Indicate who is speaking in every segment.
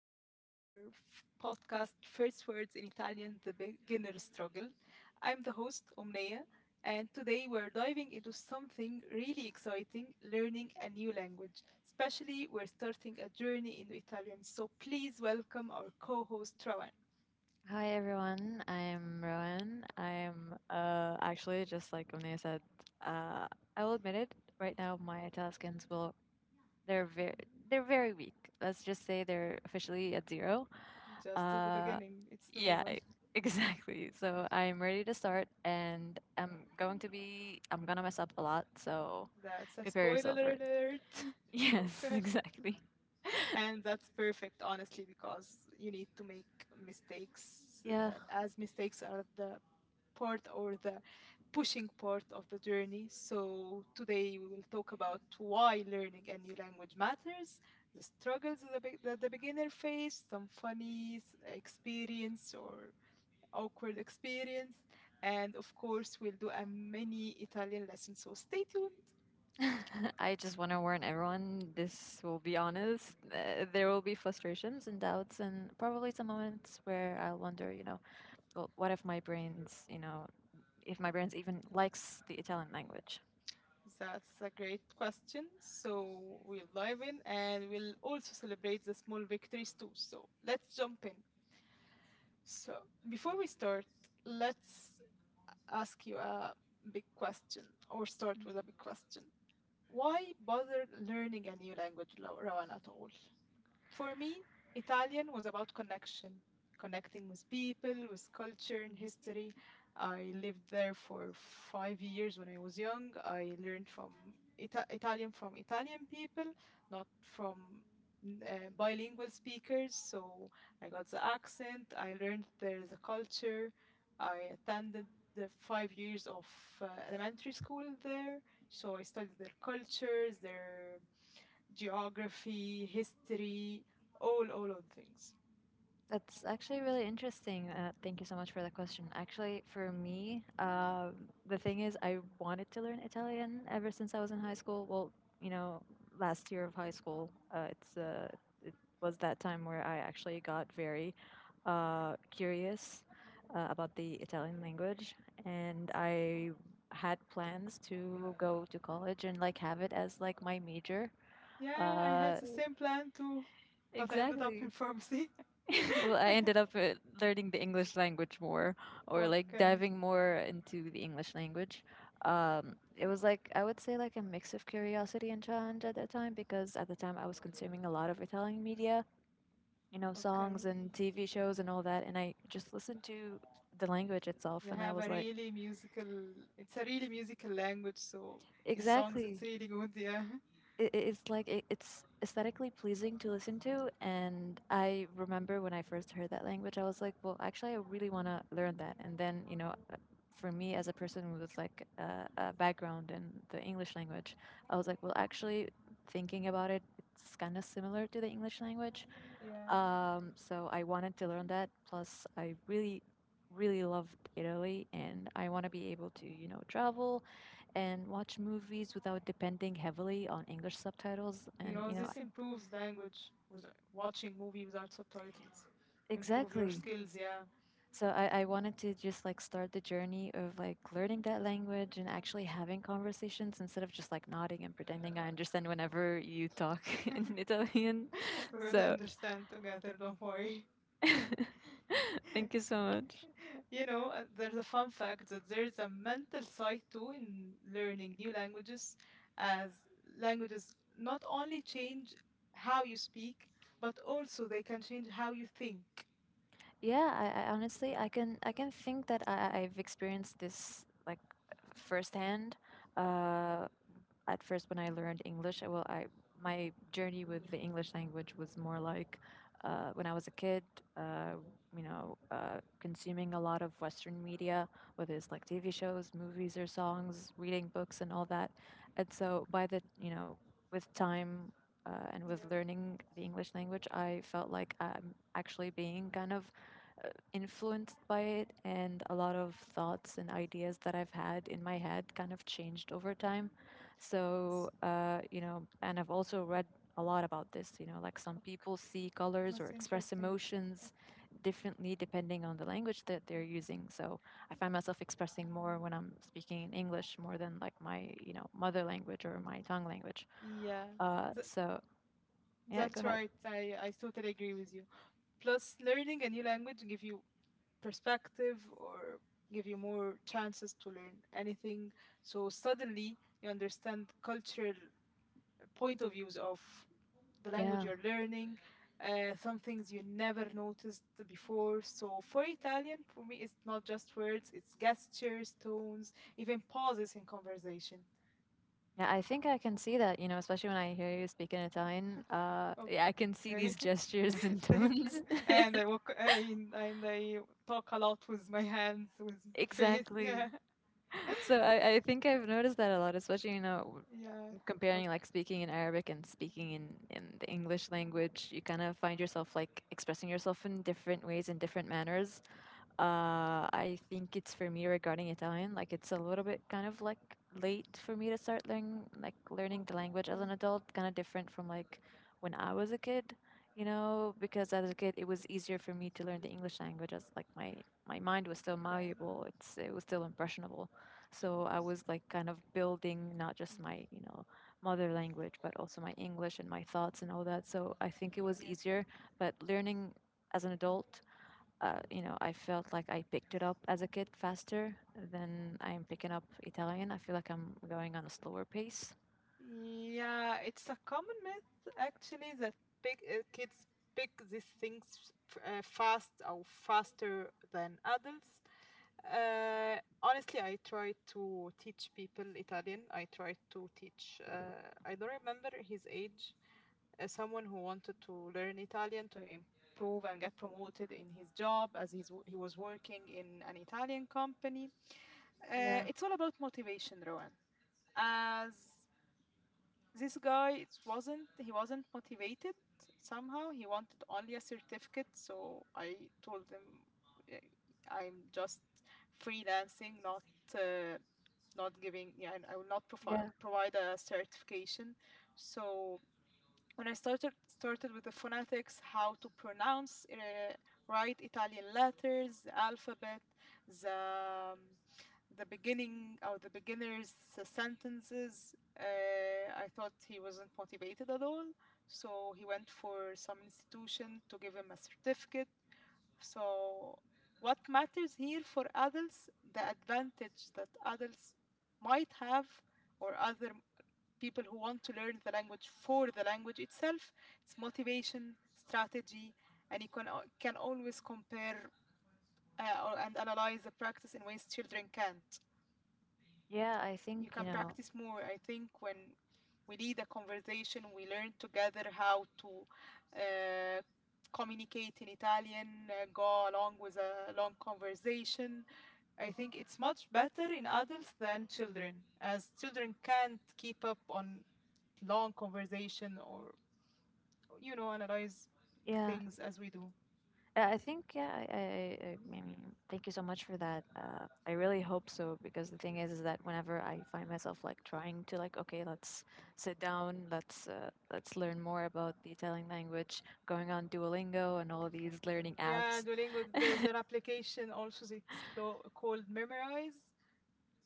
Speaker 1: back to our podcast First Words in Italian, The Beginner Struggle. I'm the host, Omnia, and today we're diving into something really exciting, learning a new language. Especially, we're starting a journey into Italian, so please welcome our co host, Trawan.
Speaker 2: Hi everyone, I'm Rowan. I'm actually just like Omnia said, uh, I will admit it. Right now, my Italians will they're very they're very weak. Let's just say they're officially at zero.
Speaker 1: Just at the
Speaker 2: Uh,
Speaker 1: beginning, it's
Speaker 2: yeah,
Speaker 1: normal.
Speaker 2: exactly. So I'm ready to start, and I'm going to be I'm gonna mess up a lot. So
Speaker 1: That's a
Speaker 2: prepare
Speaker 1: spoiler
Speaker 2: yourself for it.
Speaker 1: alert.
Speaker 2: Yes,
Speaker 1: Okay.
Speaker 2: exactly.
Speaker 1: And that's perfect, honestly, because you need to make mistakes,
Speaker 2: Yeah.
Speaker 1: as mistakes are the part or the pushing part of the journey. So, today we will talk about why learning a new language matters, the struggles that that the beginner face, some funny experience or awkward experience, and of course, we'll do a mini Italian lesson. So, stay tuned.
Speaker 2: I just want to warn everyone, this will be honest. There will be frustrations and doubts, and probably some moments where I'll wonder, well, what if my brain's, if my brain's even likes the Italian language?
Speaker 1: That's a great question. So we'll dive in and we'll also celebrate the small victories too. So let's jump in. So before we start, let's ask you a big question or start with a big question. Why bother learning a new language, Rawan, at all? For me, Italian was about connection, connecting with people, with culture and history. I lived there for 5 years when I was young. I learned from Italian, from Italian people, not from bilingual speakers. So I got the accent. I learned there the culture. I attended the 5 years of elementary school there. So I studied their cultures, their geography, history, all of things.
Speaker 2: That's actually really interesting. Thank you so much for that question. Actually, for me, the thing is, I wanted to learn Italian ever since I was in high school. Well, you know, last year of high school, it was that time where I actually got very curious about the Italian language, and I had plans to go to college and like have it as like my major.
Speaker 1: Yeah, I had
Speaker 2: Uh,
Speaker 1: the same plan too, but I ended up
Speaker 2: exactly.
Speaker 1: in pharmacy.
Speaker 2: well, I ended up learning the English language more, or like
Speaker 1: Okay,
Speaker 2: diving more into the English language. It was like I would say like a mix of curiosity and challenge at that time because at the time I was consuming a lot of Italian media, you know, songs
Speaker 1: okay.
Speaker 2: and TV shows and all that, and I just listened to the language itself,
Speaker 1: They
Speaker 2: and I
Speaker 1: have
Speaker 2: was
Speaker 1: a
Speaker 2: like,
Speaker 1: really musical. It's a really musical language, so in songs
Speaker 2: exactly,
Speaker 1: it's really good. Yeah,
Speaker 2: it's like it's aesthetically pleasing to listen to. And I remember when I first heard that language, I was like, well, actually, I really want to learn that. And then, for me, as a person with like a background in the English language, I was like, well, actually, thinking about it, it's kind of similar to the English language.
Speaker 1: yeah.
Speaker 2: So I wanted to learn that. Plus, I really, really loved Italy, and I want to be able to, you know, travel and watch movies without depending heavily on English subtitles.
Speaker 1: You
Speaker 2: And,
Speaker 1: know,
Speaker 2: you know,
Speaker 1: this improves language. With watching movie without subtitles, improve your
Speaker 2: exactly.
Speaker 1: skills. Yeah,
Speaker 2: So I wanted to just like start the journey of like learning that language and actually having conversations instead of just like nodding and pretending I understand whenever you talk in Italian.
Speaker 1: we will
Speaker 2: So
Speaker 1: understand together. Don't worry.
Speaker 2: thank you so much.
Speaker 1: You know, there's a fun fact that there's a mental side too in learning new languages, as languages not only change how you speak, but also they can change how you think.
Speaker 2: Yeah, I honestly I can think that I've experienced this like firsthand. Uh, At first, when I learned English, well, I my journey with the English language was more like when I was a kid, uh, consuming a lot of Western media, whether it's like TV shows, movies, or songs, reading books, and all that. And so, by the you know, with time and with
Speaker 1: Yeah,
Speaker 2: learning the English language, I felt like I'm actually being kind of influenced by it, and a lot of thoughts and ideas that I've had in my head kind of changed over time.
Speaker 1: that's,
Speaker 2: So, and I've also read a lot about this, you know, like some
Speaker 1: ok-
Speaker 2: people see colors or
Speaker 1: that's
Speaker 2: express
Speaker 1: interesting.
Speaker 2: emotions differently depending on the language that they're using. So I find myself expressing more when I'm speaking in English more than like my, you know, mother language or my tongue language.
Speaker 1: Yeah, th-
Speaker 2: So yeah, go
Speaker 1: that's
Speaker 2: ahead.
Speaker 1: right. I totally agree with you. Plus, learning a new language give you perspective or give you more chances to learn anything. So suddenly you understand cultural point of views of the language
Speaker 2: Yeah.
Speaker 1: you're learning, some things you never noticed before. So for Italian, for me, it's not just words, it's gestures, tones, even pauses in conversation.
Speaker 2: Yeah, I think I can see that, you know, especially when I hear you speak in Italian. Yeah, I can see these
Speaker 1: Okay,
Speaker 2: gestures and
Speaker 1: thank
Speaker 2: tones.
Speaker 1: you. And I walk and I talk a lot with my hands, with face.
Speaker 2: Exactly.
Speaker 1: Yeah,
Speaker 2: So I think I've noticed that a lot, especially, you know,
Speaker 1: yeah.
Speaker 2: comparing
Speaker 1: Okay,
Speaker 2: like speaking in Arabic and speaking in the English language. You kind of find yourself like expressing yourself in different ways in different manners. I think it's for me regarding Italian. Like it's a little bit kind of like late for me to start learning, the language as an
Speaker 1: okay,
Speaker 2: adult, kind of different from like when I was a kid, you know, because as a kid it was easier for me to learn the English language, as like my mind was still
Speaker 1: okay.
Speaker 2: malleable. It was still impressionable. So I was like kind of building not just
Speaker 1: Mm.
Speaker 2: my, you know, mother language, but also my English and my thoughts and all that. So I think it was
Speaker 1: Yes.
Speaker 2: easier, but learning as an adult, you know, I felt like I picked it up as a kid faster than I'm picking up Italian. I feel like I'm going on a slower pace.
Speaker 1: Yeah, it's a common myth actually that big kids pick these things fast or faster than adults. Honestly, I try to teach people Italian. I try to teach. I don't remember his age. Someone who wanted to learn Italian to improve and get promoted in his job as he was working in an Italian company.
Speaker 2: Yeah,
Speaker 1: It's all about motivation, Rowan. As this guy, it wasn't he wasn't motivated, somehow he wanted only a certificate, so I told him, "Eh, I'm just freelancing, not uh, not giving, yeah, I will not
Speaker 2: yeah,
Speaker 1: provide a certification." So when I started with the phonetics, how to pronounce right Italian letters, the alphabet, the um, the beginning or the beginners sentences. I thought he wasn't motivated at all, so he went for some institution to give him a certificate. So, what matters here for adults, the advantage that adults might have, or other people who want to learn the language for the language itself, it's motivation, strategy, and you can, can always compare and analyze the practice in ways children can't.
Speaker 2: yeah. I
Speaker 1: You
Speaker 2: think you
Speaker 1: can
Speaker 2: know.
Speaker 1: practice more. I think when we lead a conversation, we learn together how to uh, communicate in Italian, go along with a long conversation. I think it's much better in adults than children, as children can't keep up on long conversation or you know analyze
Speaker 2: Yeah,
Speaker 1: things as we do.
Speaker 2: I think yeah. I mean, thank you so much for that. I really hope so, because the thing is that whenever I find myself like trying to like, okay, let's sit down, let's learn more about the Italian language, going on Duolingo and all these learning
Speaker 1: Yeah,
Speaker 2: apps.
Speaker 1: Duolingo. There's an application also that's called Memorize,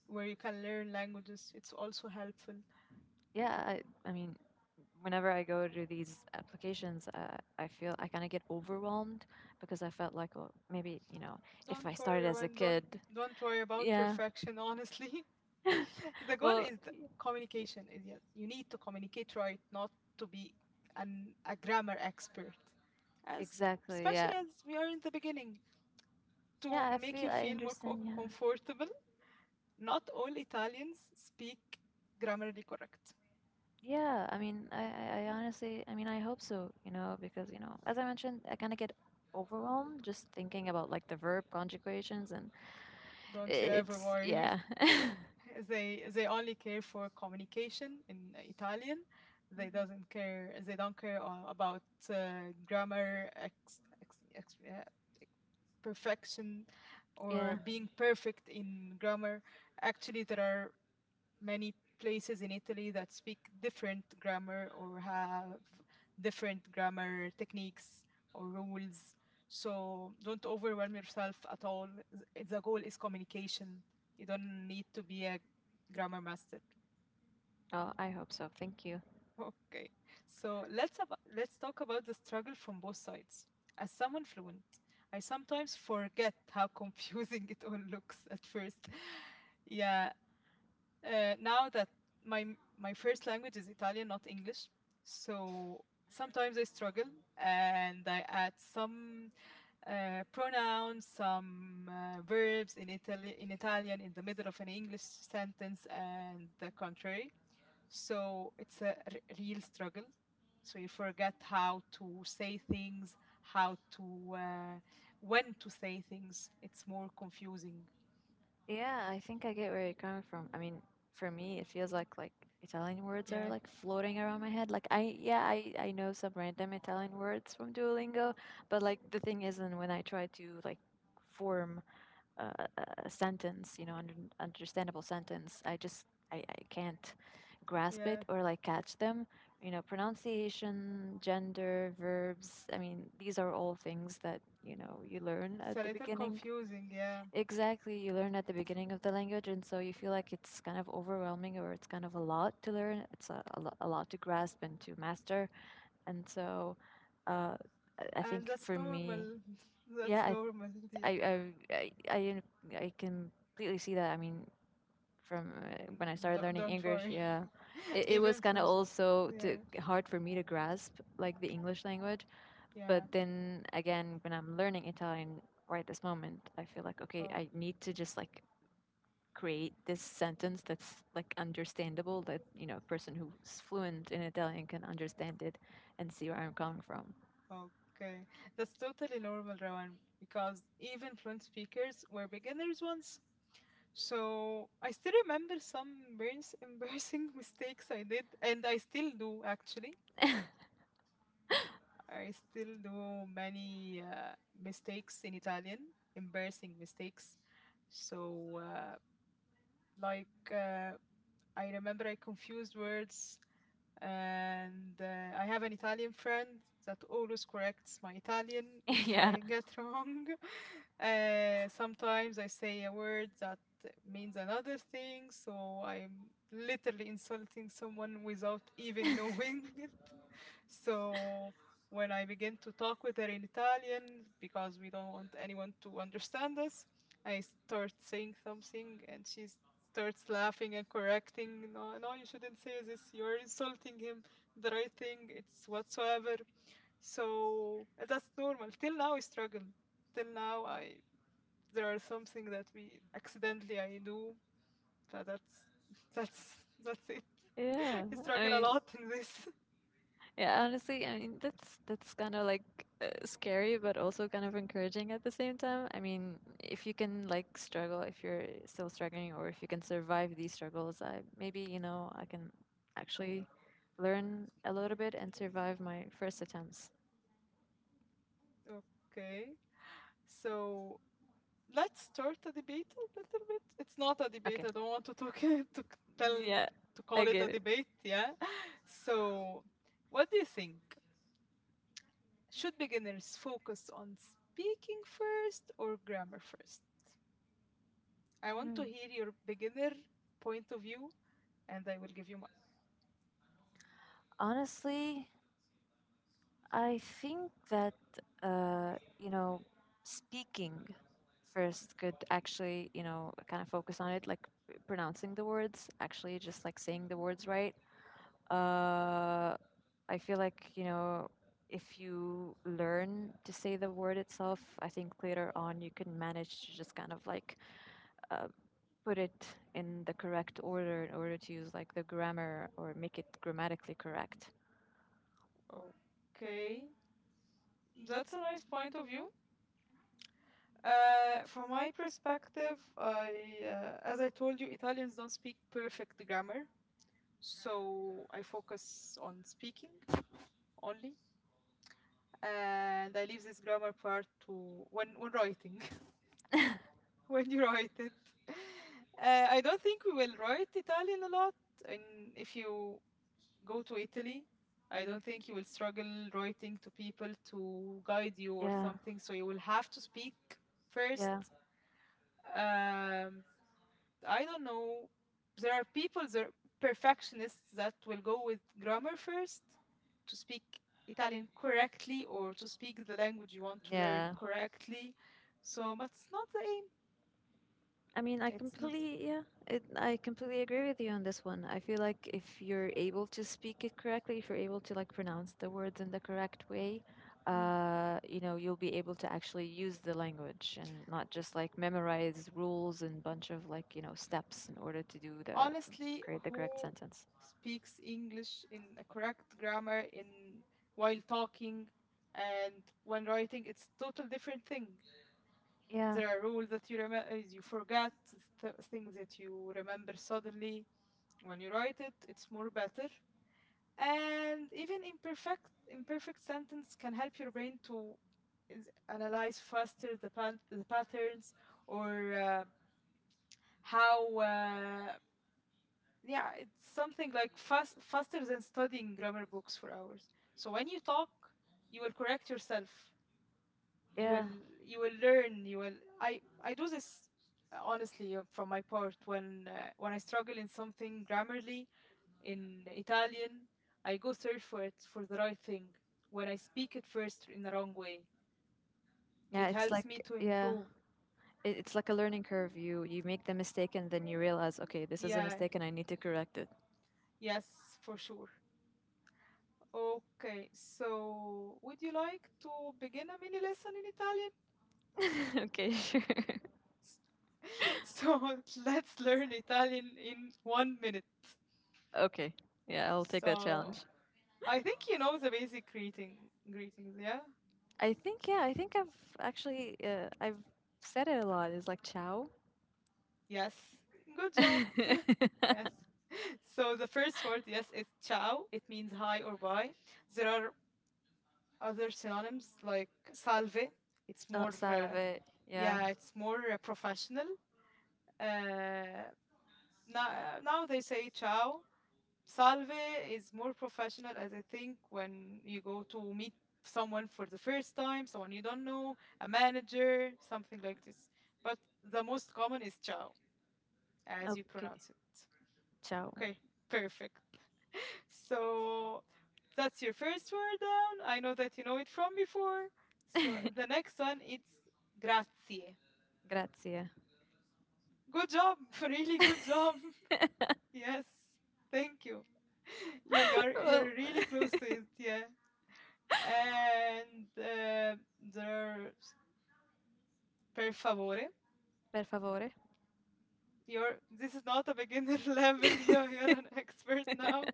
Speaker 1: where you can learn languages. It's also helpful.
Speaker 2: Yeah, I mean, whenever I go to these applications, I feel I kind of get overwhelmed because I felt like, well, maybe, you know, if I
Speaker 1: Don't worry,
Speaker 2: started as a
Speaker 1: Rowan. Don't
Speaker 2: kid,
Speaker 1: don't worry about
Speaker 2: yeah.
Speaker 1: perfection. Honestly, the goal
Speaker 2: well,
Speaker 1: is
Speaker 2: y-
Speaker 1: communication. Is, yes, you need to communicate right, not to be an a grammar expert, as
Speaker 2: exactly, yeah.
Speaker 1: especially as we are in the beginning. To
Speaker 2: Yeah, I
Speaker 1: make
Speaker 2: feel,
Speaker 1: you
Speaker 2: I
Speaker 1: feel more
Speaker 2: understand, yeah.
Speaker 1: comfortable, not all Italians speak grammatically correct.
Speaker 2: Yeah, I mean, I honestly, I mean, I hope so, you know, because, you know, as I mentioned, I kind of get overwhelmed just thinking about like the verb conjugations, and
Speaker 1: Don't you ever
Speaker 2: it's,
Speaker 1: worry.
Speaker 2: yeah.
Speaker 1: They only care for communication in Italian. They
Speaker 2: hmm
Speaker 1: doesn't care. They don't care about grammar, perfection, or
Speaker 2: yeah.
Speaker 1: being perfect in grammar. Actually, there are many places in Italy that speak different grammar or have different grammar techniques or rules. So don't overwhelm yourself at all. The goal is communication. You don't need to be a grammar master.
Speaker 2: Oh, I hope so. Thank you.
Speaker 1: Okay. So let's talk about the struggle from both sides. As someone fluent, I sometimes forget how confusing it all looks at first. Yeah, now that my first language is Italian, not English, so sometimes I struggle and I add some pronouns, some verbs in in Italian in the middle of an English sentence and the contrary. So it's a real struggle. So you forget how to say things, how to when to say things. It's more confusing.
Speaker 2: Yeah, I think I get where you're coming from. I mean, for me, it feels like Italian words are
Speaker 1: Yeah,
Speaker 2: like floating around my head. Like yeah, I know some random Italian words from Duolingo, but like the thing is, and when I try to like form a sentence, you know, an understandable sentence, I just I can't grasp it
Speaker 1: yeah.
Speaker 2: or like catch them. You know, pronunciation, gender, verbs. I mean, these are all things that you know you learn
Speaker 1: It's
Speaker 2: at
Speaker 1: a
Speaker 2: the
Speaker 1: little
Speaker 2: beginning.
Speaker 1: confusing. Yeah.
Speaker 2: Exactly, you learn at the beginning of the language, and so you feel like it's kind of overwhelming, or it's kind of a lot to learn. It's a lot to grasp and to master. And so uh, I
Speaker 1: And
Speaker 2: think
Speaker 1: that's
Speaker 2: for me,
Speaker 1: normal.
Speaker 2: yeah,
Speaker 1: That's normal,
Speaker 2: I, I,
Speaker 1: dear.
Speaker 2: I, I, I I can completely see that. I mean, from when I started learning
Speaker 1: Don't
Speaker 2: English,
Speaker 1: worry.
Speaker 2: yeah, it was
Speaker 1: Even
Speaker 2: kind of
Speaker 1: from,
Speaker 2: also to,
Speaker 1: yeah,
Speaker 2: hard for me to grasp like the English language.
Speaker 1: yeah.
Speaker 2: But then again, when I'm learning Italian right this moment, I feel like, okay,
Speaker 1: Oh,
Speaker 2: I need to just like create this sentence that's like understandable, that you know a person who's fluent in Italian can understand it and see where I'm coming from.
Speaker 1: okay. That's totally normal, Rowan, because even fluent speakers were beginners once. So I still remember some embarrassing mistakes I did, and I still do actually. I still do many mistakes in Italian, embarrassing mistakes. So, uh, like, uh, I remember I confused words, and I have an Italian friend that always corrects my Italian if
Speaker 2: yeah.
Speaker 1: I get wrong. Sometimes I say a word that means another thing, so I'm literally insulting someone without even knowing it. So when I begin to talk with her in Italian, because we don't want anyone to understand us, I start saying something and she starts laughing and correcting. No, no, you shouldn't say this. You're insulting him. The right thing, it's whatsoever. So that's normal. Till now, I struggle. Till now, I there are something that we accidentally I do. That's that's it.
Speaker 2: yeah.
Speaker 1: I
Speaker 2: I
Speaker 1: struggle a
Speaker 2: mean
Speaker 1: lot in this.
Speaker 2: Yeah, honestly, I mean that's kind of like scary, but also kind of encouraging at the same time. I mean, if you can like struggle, if you're still struggling, or if you can survive these struggles, I maybe you know I can actually learn a little bit and survive my first attempts.
Speaker 1: Okay. So let's start a debate a little bit. It's not a debate.
Speaker 2: Okay,
Speaker 1: I don't want to talk tell
Speaker 2: yeah,
Speaker 1: to
Speaker 2: I
Speaker 1: call it
Speaker 2: get
Speaker 1: a
Speaker 2: it.
Speaker 1: debate. Yeah. So, what do you think? Should beginners focus on speaking first or grammar first? I want to
Speaker 2: Mhm.
Speaker 1: hear your beginner point of view, and I will give you
Speaker 2: Honestly, I think that you know speaking first could actually you know kind of focus on it, like pronouncing the words, actually just like saying the words right. Uh, I feel like you know if you learn to say the word itself, I think later on you can manage to just kind of like uh, put it in the correct order in order to use like the grammar or make it grammatically correct.
Speaker 1: mine. Okay, that's a nice point of view. From my perspective, as I told you, Italians don't speak perfect grammar. So I focus on speaking only, and I leave this grammar part to when writing, when you write it. I don't think we will write Italian a lot, and if you go to Italy, I don't think you will struggle writing to people to guide you or
Speaker 2: Yeah,
Speaker 1: something. So you will have to speak first.
Speaker 2: yeah,
Speaker 1: um, I don't know. There are perfectionists that will go with grammar first to speak Italian correctly or to speak the language you want to learn
Speaker 2: yeah.
Speaker 1: correctly. So, but it's not the aim.
Speaker 2: I mean, I
Speaker 1: It's not.
Speaker 2: completely, yeah, I completely agree with you on this one. I feel like if you're able to speak it correctly, if you're able to like pronounce the words in the correct way,
Speaker 1: Mm.
Speaker 2: you know, you'll be able to actually use the language and not just like memorize rules and bunch of like, you know, steps in order to do the
Speaker 1: Honestly,
Speaker 2: create the correct
Speaker 1: who
Speaker 2: sentence.
Speaker 1: speaks English in a correct grammar in while talking, and when writing, it's total different thing.
Speaker 2: Yeah,
Speaker 1: There are rules that you remember, you forget, things that you remember suddenly. When you write it, it's more better. And even imperfect sentence can help your brain to analyze faster the patterns or how yeah, it's something like faster than studying grammar books for hours. So when you talk you will correct yourself, you
Speaker 2: yeah,
Speaker 1: will, you will learn, you will, I do this, honestly, from my part, when I struggle in something grammarly in Italian, I go search for it for the right thing when I speak it first in the wrong way.
Speaker 2: yeah.
Speaker 1: It
Speaker 2: It's
Speaker 1: helps me
Speaker 2: like
Speaker 1: to
Speaker 2: yeah,
Speaker 1: improve.
Speaker 2: it's like a learning curve. You make the mistake and then you realize, okay, this is a
Speaker 1: Yeah,
Speaker 2: mistake and I need to correct it.
Speaker 1: yes, for sure. Okay, so would you like to begin a mini lesson in Italian?
Speaker 2: okay, sure.
Speaker 1: So let's learn Italian in 1 minute.
Speaker 2: Okay. Yeah, I'll take that
Speaker 1: So
Speaker 2: challenge.
Speaker 1: I think you know the basic greetings, yeah?
Speaker 2: I think yeah, I think I've actually I've said it a lot. It's like ciao.
Speaker 1: Yes. Good job.
Speaker 2: oh,
Speaker 1: Yes. So the first word, yes, is ciao. It means hi or bye. There are other synonyms like salve. It's more,
Speaker 2: salve. Yeah.
Speaker 1: yeah, it's more professional. Uh, now they say ciao. Salve is more professional, as I think, when you go to meet someone for the first time, someone you don't know, a manager, something like this. But the most common is ciao, as you
Speaker 2: Okay.
Speaker 1: pronounce it.
Speaker 2: Ciao.
Speaker 1: Okay, perfect. So that's your first word down. I know that you know it from before. So the next one it's grazie.
Speaker 2: Grazie.
Speaker 1: Good job, really good job. Yes, thank you. You you're
Speaker 2: well,
Speaker 1: you're really close to it. Yeah. and There are per favore.
Speaker 2: per favore.
Speaker 1: You're This is not a beginner level. You're an expert now.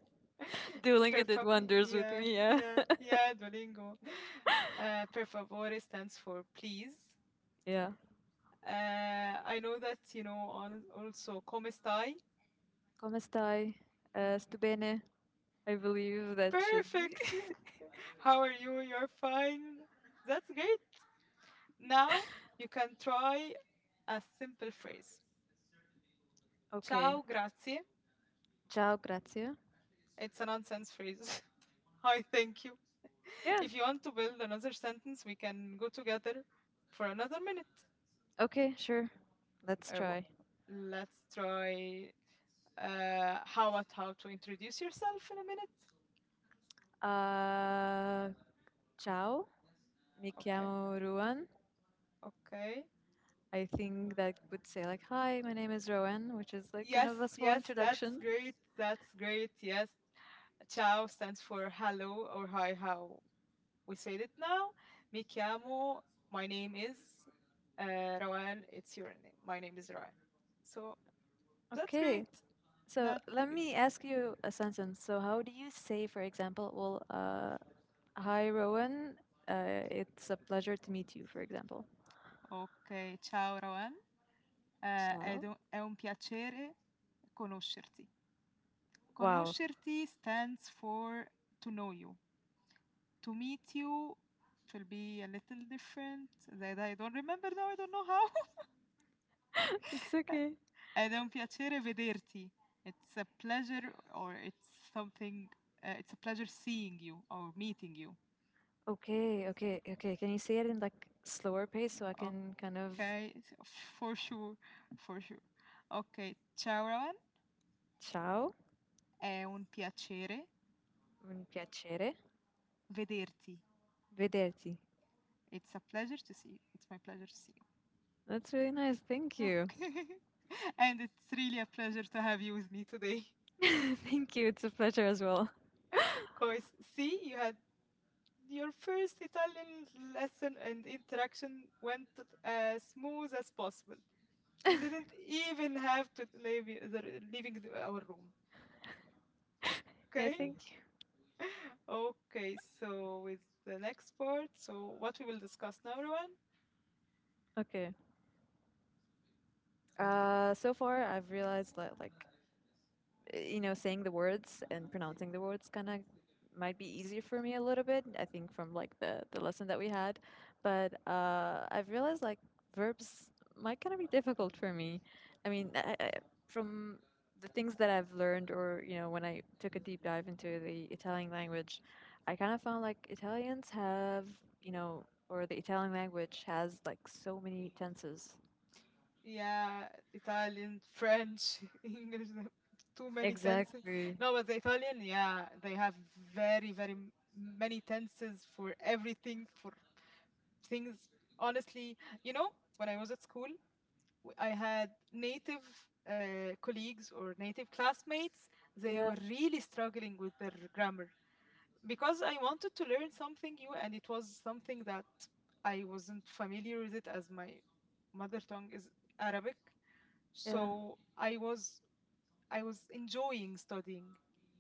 Speaker 1: Per
Speaker 2: Duolingo did
Speaker 1: favore,
Speaker 2: wonders with
Speaker 1: yeah,
Speaker 2: me, yeah.
Speaker 1: yeah, yeah. Duolingo. Per favore stands for please.
Speaker 2: Yeah.
Speaker 1: I know that you know also come stai.
Speaker 2: Come stai? Sto bene. I believe that should be.
Speaker 1: Perfect. How are you? You're fine. That's great. Now you can try a simple phrase.
Speaker 2: okay.
Speaker 1: Ciao, grazie.
Speaker 2: Ciao, grazie.
Speaker 1: It's a nonsense phrase. Hi, thank you.
Speaker 2: Yeah.
Speaker 1: If you want to build another sentence, we can go together for another minute.
Speaker 2: Okay, sure. Let's try.
Speaker 1: Let's try. How about how to introduce yourself in a minute?
Speaker 2: Uh, ciao. Mi
Speaker 1: Okay.
Speaker 2: chiamo Ruan.
Speaker 1: Okay.
Speaker 2: I think that would say like, "Hi, my name is Rowan," which is like kind
Speaker 1: Yes.
Speaker 2: of a small
Speaker 1: Yes. That's
Speaker 2: introduction.
Speaker 1: great. That's great. Yes. Ciao stands for hello or hi. How we said it now. Mi chiamo. My name is Rowan. It's your name. My name is Rowan. So that's
Speaker 2: Okay,
Speaker 1: great.
Speaker 2: so
Speaker 1: That's
Speaker 2: let
Speaker 1: great.
Speaker 2: me ask you a sentence. So how do you say, for example, well, "Hi, Rowan. It's a pleasure to meet you," for example.
Speaker 1: Okay. Ciao, Rowan. Ehm, ed
Speaker 2: Ciao.
Speaker 1: è un è un piacere conoscerti.
Speaker 2: Wow.
Speaker 1: Conoscerti stands for to know you. To meet you, it will be a little different that I don't remember now, I don't know how.
Speaker 2: It's okay.
Speaker 1: Ed è un piacere vederti. It's a pleasure or it's something it's a pleasure seeing you or meeting you.
Speaker 2: Okay, okay, okay. Can you say it in like slower pace so I can kind of
Speaker 1: Okay, s for sure, for sure. Okay, ciao Rawan,
Speaker 2: ciao,
Speaker 1: è un piacere
Speaker 2: un piacere,
Speaker 1: vederti.
Speaker 2: vederti.
Speaker 1: It's a pleasure to see you. It's my pleasure to see you.
Speaker 2: That's really nice. Thank you.
Speaker 1: Okay. And it's really a pleasure to have you with me today.
Speaker 2: Thank you. It's a pleasure as well.
Speaker 1: Of course. See, you had your first Italian lesson and interaction went as smooth as possible. You didn't even have to leave our room.
Speaker 2: Yeah, I
Speaker 1: Okay?
Speaker 2: think
Speaker 1: Okay, so with the next part, so what we will discuss now, Rowan,
Speaker 2: okay. So far I've realized that like you know saying the words and pronouncing the words kind of might be easier for me a little bit. I think from like the lesson that we had, but I've realized like verbs might kind of be difficult for me. I mean, from the things that I've learned, or you know, when I took a deep dive into the Italian language, I kind of found like Italians have you know, or the Italian language has like so many tenses.
Speaker 1: yeah, Italian, French, English. Too many tenses.
Speaker 2: Exactly.
Speaker 1: No, but the Italian, yeah, they have very, very many tenses for everything, for things. Honestly, you know, when I was at school, I had native colleagues or native classmates. They
Speaker 2: Yeah,
Speaker 1: were really struggling with their grammar because I wanted to learn something new, and it was something that I wasn't familiar with it as my mother tongue is Arabic,
Speaker 2: yeah.
Speaker 1: so I was I was enjoying studying,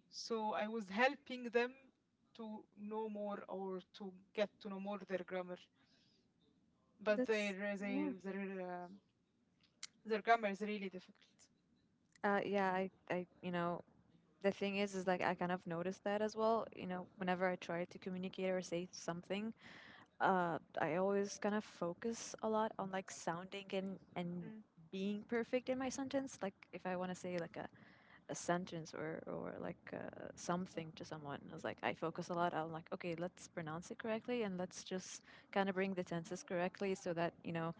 Speaker 1: so I was helping them to know more or to get to know more their grammar, but
Speaker 2: That's
Speaker 1: their
Speaker 2: yeah.
Speaker 1: their their, um their grammar is really difficult.
Speaker 2: Yeah, I you know, the thing is like I kind of noticed that as well. You know, whenever I try to communicate or say something, I always kind of focus a lot on like sounding and
Speaker 1: Mm.
Speaker 2: being perfect in my sentence. Like if I want to say like a sentence or like
Speaker 1: Oh.
Speaker 2: something to someone, I was like I focus a lot on like okay, let's pronounce it correctly and let's just kind of bring the tenses correctly so that, you know,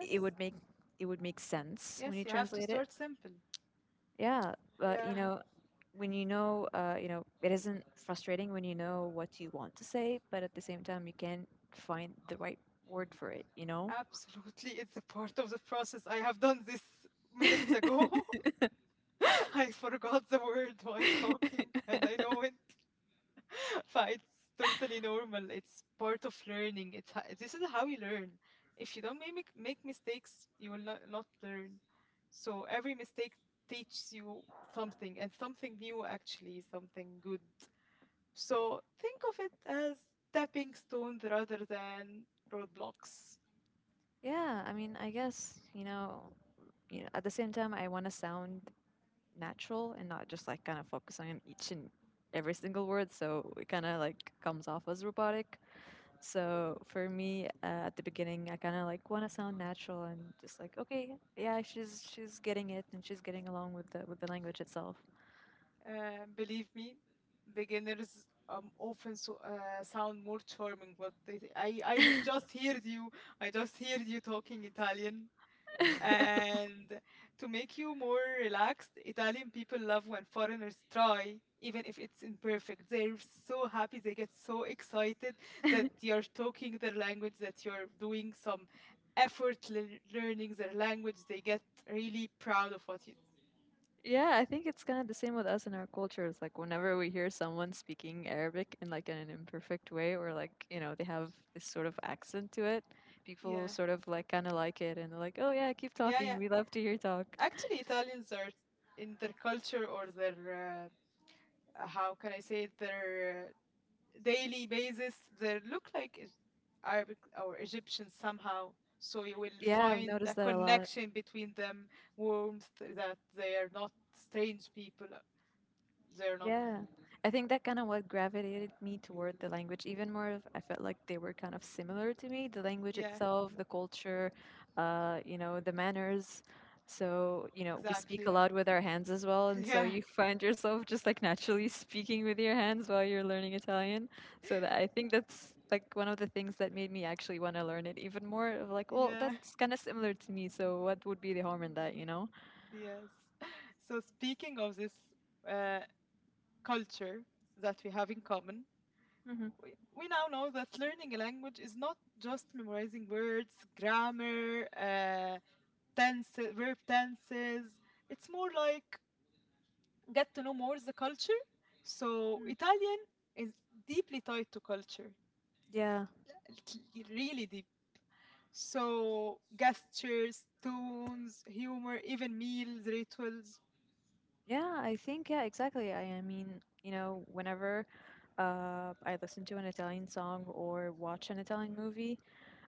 Speaker 2: it would make it would make sense when
Speaker 1: yes,
Speaker 2: you
Speaker 1: you have to
Speaker 2: translate it.
Speaker 1: start simple.
Speaker 2: Yeah, but you
Speaker 1: Yeah.
Speaker 2: know, when you know, it isn't frustrating when you know what you want to say, but at the same time, you can't find the right word for it. You know.
Speaker 1: Absolutely, it's a part of the process. I have done this minutes ago. I forgot the word while talking and I know it. But it's totally normal. It's part of learning. This is how you learn. If you don't make mistakes, you will not learn. So every mistake teaches you something, and something new actually, something good. So think of it as stepping stones rather than roadblocks.
Speaker 2: Yeah, I mean, I guess you know, you know. At the same time, I want to sound natural and not just like kind of focusing on each and every single word, so it kind of like comes off as robotic. So for me, at the beginning, I kind of like want to sound natural and just like, okay, yeah, she's getting it and she's getting along with the language itself.
Speaker 1: Believe me, beginners often so, sound more charming, but they, I he- just heard you. I just heard you talking Italian. And to make you more relaxed, Italian people love when foreigners try, even if it's imperfect. They're so happy, they get so excited that you're talking their language, that you're doing some effort learning their language. They get really proud of what you.
Speaker 2: Yeah, I think it's kind of the same with us in our cultures. Like whenever we hear someone speaking Arabic in like an imperfect way or like, you know, they have this sort of accent to it, people
Speaker 1: Yeah,
Speaker 2: sort of like kind of like it and they're like, "Oh yeah, keep
Speaker 1: yeah,
Speaker 2: talking.
Speaker 1: yeah.
Speaker 2: We love to hear you talk."
Speaker 1: Actually, Italians are in their culture or their. How can I say it? Their daily basis they look like Arabic or Egyptian somehow. So you will
Speaker 2: Yeah, I've
Speaker 1: find
Speaker 2: noticed
Speaker 1: a
Speaker 2: that a lot.
Speaker 1: connection between them, warmth that they are not strange people. They're not.
Speaker 2: Yeah, I think that kind of what gravitated me toward the language even more of I felt like they were kind of similar to me, the language
Speaker 1: Yeah,
Speaker 2: itself, the culture, you know, the manners. So, you know, we speak
Speaker 1: exactly.
Speaker 2: a
Speaker 1: Yeah,
Speaker 2: lot with our hands as well, and so
Speaker 1: yeah,
Speaker 2: you find yourself just like naturally speaking with your hands while you're learning Italian. So that I think that's like one of the things that made me actually want to learn it even more of like, well,
Speaker 1: yeah,
Speaker 2: that's kind of similar to me, so what would be the harm in that, you know?
Speaker 1: yes. So speaking of this uh, culture that we have in common,
Speaker 2: Hmm.
Speaker 1: we now know that learning a language is not just memorizing words, grammar, tenses, verb tenses. It's more like get to know more the culture. So Italian is deeply tied to culture,
Speaker 2: Yeah.
Speaker 1: really deep. So gestures, tones, humor, even meals, rituals.
Speaker 2: Yeah, I think yeah, exactly. I mean, you know, whenever I listen to an Italian song or watch an Italian movie,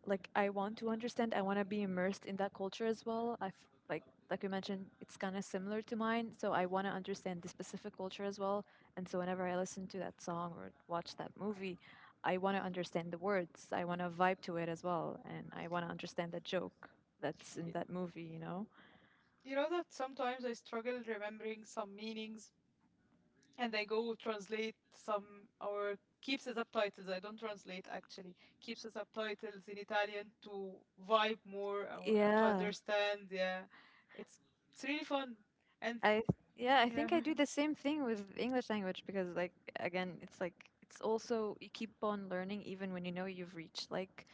Speaker 2: like I want to understand, I want to be immersed in that culture as well. I f- like you mentioned, it's kind of similar to mine, so I want to understand the specific culture as well. And so whenever I listen to that song or watch that movie, I want to understand the words. I want to vibe to it as well, and I want to understand the joke that's in that movie, you know?
Speaker 1: You know that sometimes I struggle remembering some meanings and they go translate some or keeps the subtitles. I don't translate actually. Keeps the subtitles in Italian to vibe more or to
Speaker 2: Yeah.
Speaker 1: understand. Yeah, it's it's really fun, and
Speaker 2: I yeah, I think I
Speaker 1: yeah,
Speaker 2: do the same thing with English language because like again, it's like it's also you keep on learning even when you know you've reached like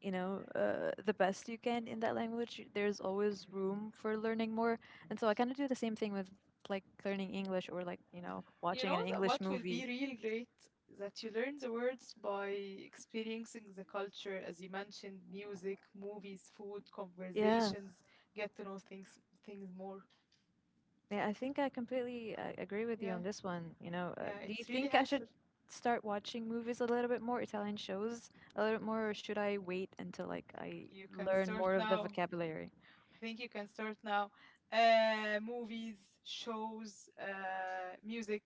Speaker 2: you know the best you can in that language. There's always room for learning more, and so I kind of do the same thing with like learning English or like you know
Speaker 1: you
Speaker 2: watching an
Speaker 1: know that
Speaker 2: English
Speaker 1: what will
Speaker 2: movie.
Speaker 1: be real great that you learn the words by experiencing the culture as you mentioned, music, movies, food,
Speaker 2: Yeah.
Speaker 1: conversations, get to know things more.
Speaker 2: Yeah, I think I completely agree with you on
Speaker 1: Yeah,
Speaker 2: this one. You know,
Speaker 1: yeah,
Speaker 2: do you
Speaker 1: it's really
Speaker 2: think I should
Speaker 1: helpful.
Speaker 2: start watching movies a little bit more, Italian shows a little bit more, or should I wait until like I
Speaker 1: You can
Speaker 2: learn
Speaker 1: start
Speaker 2: more of the
Speaker 1: now,
Speaker 2: vocabulary?
Speaker 1: I think you can start now. Movies, shows, music.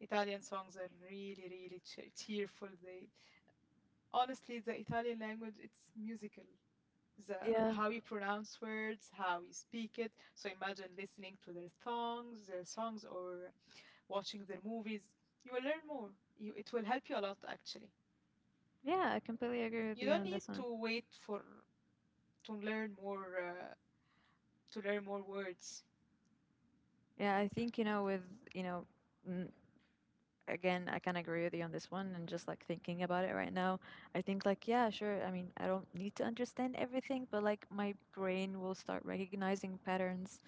Speaker 1: Italian songs are really, really cheerful. They honestly, the Italian language, it's musical. The
Speaker 2: Yeah,
Speaker 1: how you pronounce words, how you speak it. So imagine listening to their songs, or watching their movies. You will learn more. It will help you a lot, actually.
Speaker 2: yeah, I completely agree with
Speaker 1: You
Speaker 2: you
Speaker 1: don't
Speaker 2: on
Speaker 1: need
Speaker 2: this one.
Speaker 1: to wait for to learn more uh, to learn more words.
Speaker 2: Yeah, I think you know with you know. N- Again, I can agree with you on this one, and just like thinking about it right now, I think like yeah, sure. I mean, I don't need to understand everything, but like my brain will start recognizing patterns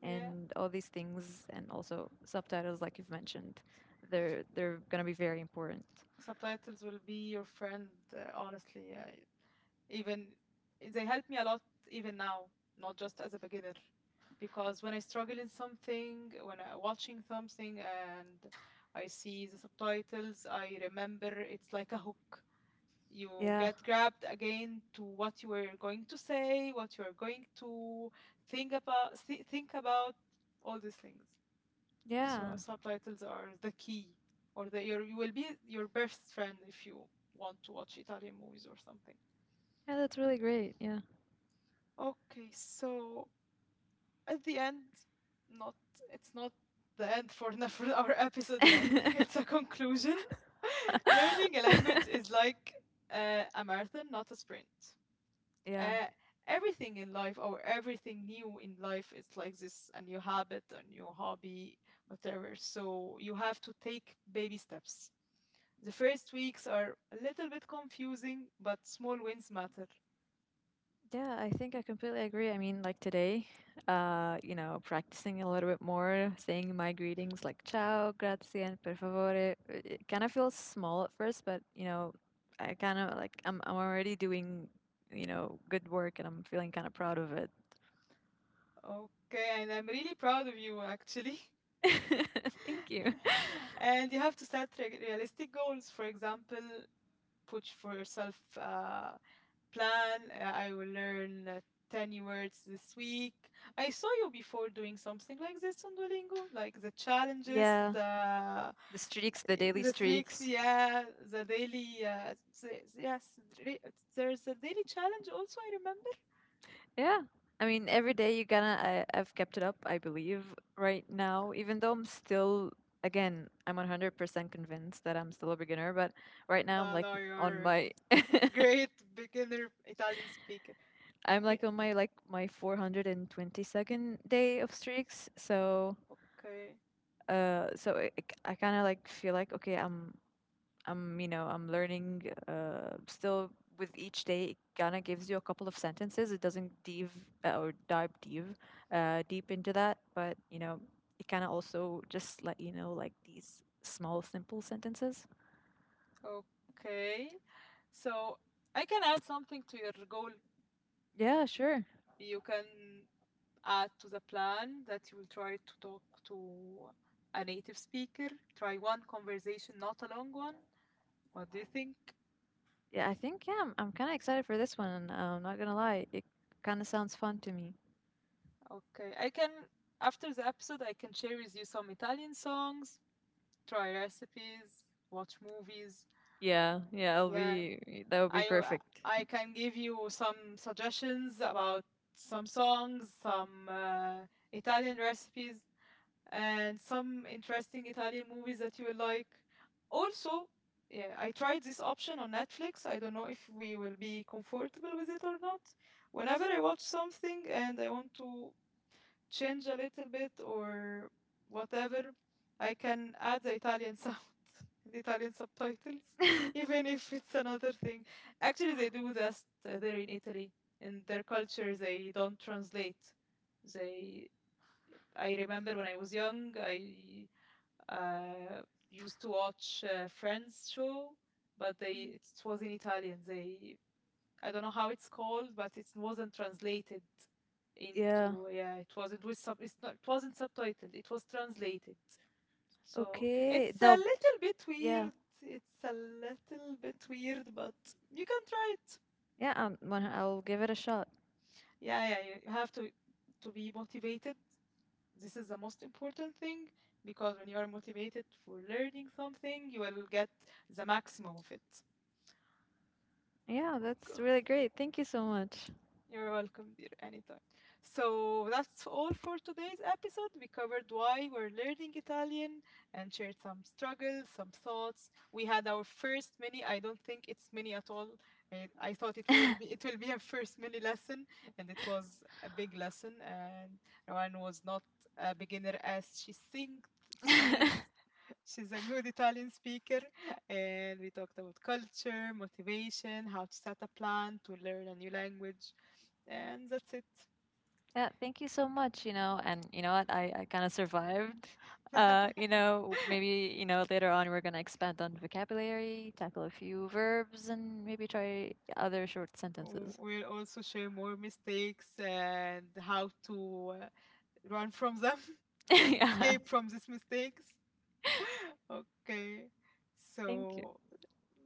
Speaker 1: Yeah,
Speaker 2: and all these things and also subtitles like you've mentioned they're gonna be very important.
Speaker 1: subtitles will be your friend, honestly. Even they help me a lot even now, not just as a beginner, because when I struggle in something, when I'm watching something and I see the subtitles, I remember, it's like a hook. You
Speaker 2: Yeah.
Speaker 1: get grabbed again to what you were going to say, what you are going to think about all these things.
Speaker 2: Yeah.
Speaker 1: So subtitles are the key, or you will be your best friend if you want to watch Italian movies or something.
Speaker 2: Yeah, that's really great. Yeah.
Speaker 1: Okay, so at the end, not it's not the end for for our episode, يعني. It's a conclusion. Learning a language is like a marathon, not a sprint.
Speaker 2: Yeah,
Speaker 1: Uh, everything in life or everything new in life is like this, a new habit, a new hobby, whatever. So you have to take baby steps. The first weeks are a little bit confusing, but small wins matter.
Speaker 2: yeah, I think I completely agree. I mean like today, you know practicing a little bit more saying my greetings like ciao, grazie, and per favore, it kind of feels small at first, but you know I kind of like I'm already doing you know good work, and I'm feeling kind of proud of it.
Speaker 1: Okay, and I'm really proud of you actually.
Speaker 2: Thank you.
Speaker 1: And you have to set realistic goals. For example, put for yourself a plan. I will learn 10 new words this week. I saw you before doing something like this on Duolingo, like the challenges,
Speaker 2: Yeah, the streaks, the daily
Speaker 1: the tricks,
Speaker 2: streaks.
Speaker 1: yeah, the daily, yes, re- there's a daily challenge also, I remember.
Speaker 2: Yeah. I mean, every day you gonna, I've kept it up, I believe, right now, even though I'm still, again, I'm 100% convinced that I'm still a beginner, but right now
Speaker 1: No, no,
Speaker 2: on
Speaker 1: you're a
Speaker 2: my,
Speaker 1: great beginner Italian speaker.
Speaker 2: I'm
Speaker 1: Be-
Speaker 2: like on my, like my 422nd day of streaks. So,
Speaker 1: okay,
Speaker 2: uh, so I, I kind of like feel like, okay, I'm, you know, I'm learning still with each day. It kind of gives you a couple of sentences. It doesn't dive deep, deep into that, but you know, it kind of also just let you know like these small, simple sentences.
Speaker 1: okay. So I can add something to your goal.
Speaker 2: Yeah, sure.
Speaker 1: You can add to the plan that you will try to talk to a native speaker. Try one conversation, not a long one. What do you think?
Speaker 2: Yeah, I think yeah, I'm kind of excited for this one. I'm not gonna lie, it kind of sounds fun to me.
Speaker 1: Okay, I can, after the episode, I can share with you some Italian songs, try recipes, watch movies.
Speaker 2: Yeah, yeah, it'll
Speaker 1: Yeah,
Speaker 2: be that would be
Speaker 1: I
Speaker 2: perfect.
Speaker 1: I can give you some suggestions about some songs, some Italian recipes, and some interesting Italian movies that you will like. Also, yeah, I tried this option on Netflix. I don't know if we will be comfortable with it or not. Whenever I watch something and I want to change a little bit or whatever, I can add the Italian sound and the Italian subtitles, even if it's another thing. Actually, they do that there in Italy. In their culture, they don't translate. They. I remember when I was young, I uh, used to watch Friends show, but they it was in Italian. They I don't know how it's called, but it wasn't translated
Speaker 2: Yeah.
Speaker 1: into yeah, it wasn't with sub it's not it wasn't subtitled, it was translated. So
Speaker 2: Okay.
Speaker 1: it's a
Speaker 2: Dubbed.
Speaker 1: little bit
Speaker 2: Yeah.
Speaker 1: weird. It's a little bit weird, but you can try it.
Speaker 2: Yeah. Um, I'll give it a shot.
Speaker 1: Yeah, yeah, you have to be motivated. This is the most important thing because when you are motivated for learning something, you will get the maximum of it.
Speaker 2: Yeah, that's really great. Thank you so much.
Speaker 1: You're welcome, dear, anytime. So that's all for today's episode. We covered why we're learning Italian and shared some struggles, some thoughts. We had our first mini. I don't think it's mini at all. I thought it will be a first mini lesson, and it was a big lesson. And Rowan was not a beginner as she thinks she is. She's a good Italian speaker, and we talked about culture, motivation, how to set a plan to learn a new language, and that's it.
Speaker 2: Yeah, thank you so much, you know, and you know what, I kind of survived. You know, maybe, you know, later on we're gonna expand on vocabulary, tackle a few verbs, and maybe try other short sentences.
Speaker 1: We'll also share more mistakes and how to run from them, and
Speaker 2: Yeah,
Speaker 1: escape from these mistakes. Okay,
Speaker 2: thank you.
Speaker 1: so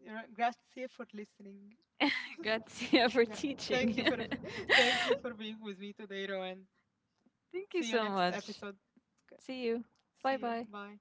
Speaker 1: grazie for listening.
Speaker 2: Grazie for
Speaker 1: Gra- Thank you
Speaker 2: teaching.
Speaker 1: for thank you for being with me today, Rowan.
Speaker 2: Thank you
Speaker 1: See you
Speaker 2: so
Speaker 1: next
Speaker 2: much.
Speaker 1: episode. Okay,
Speaker 2: See you. Bye
Speaker 1: see you.
Speaker 2: bye.
Speaker 1: Bye.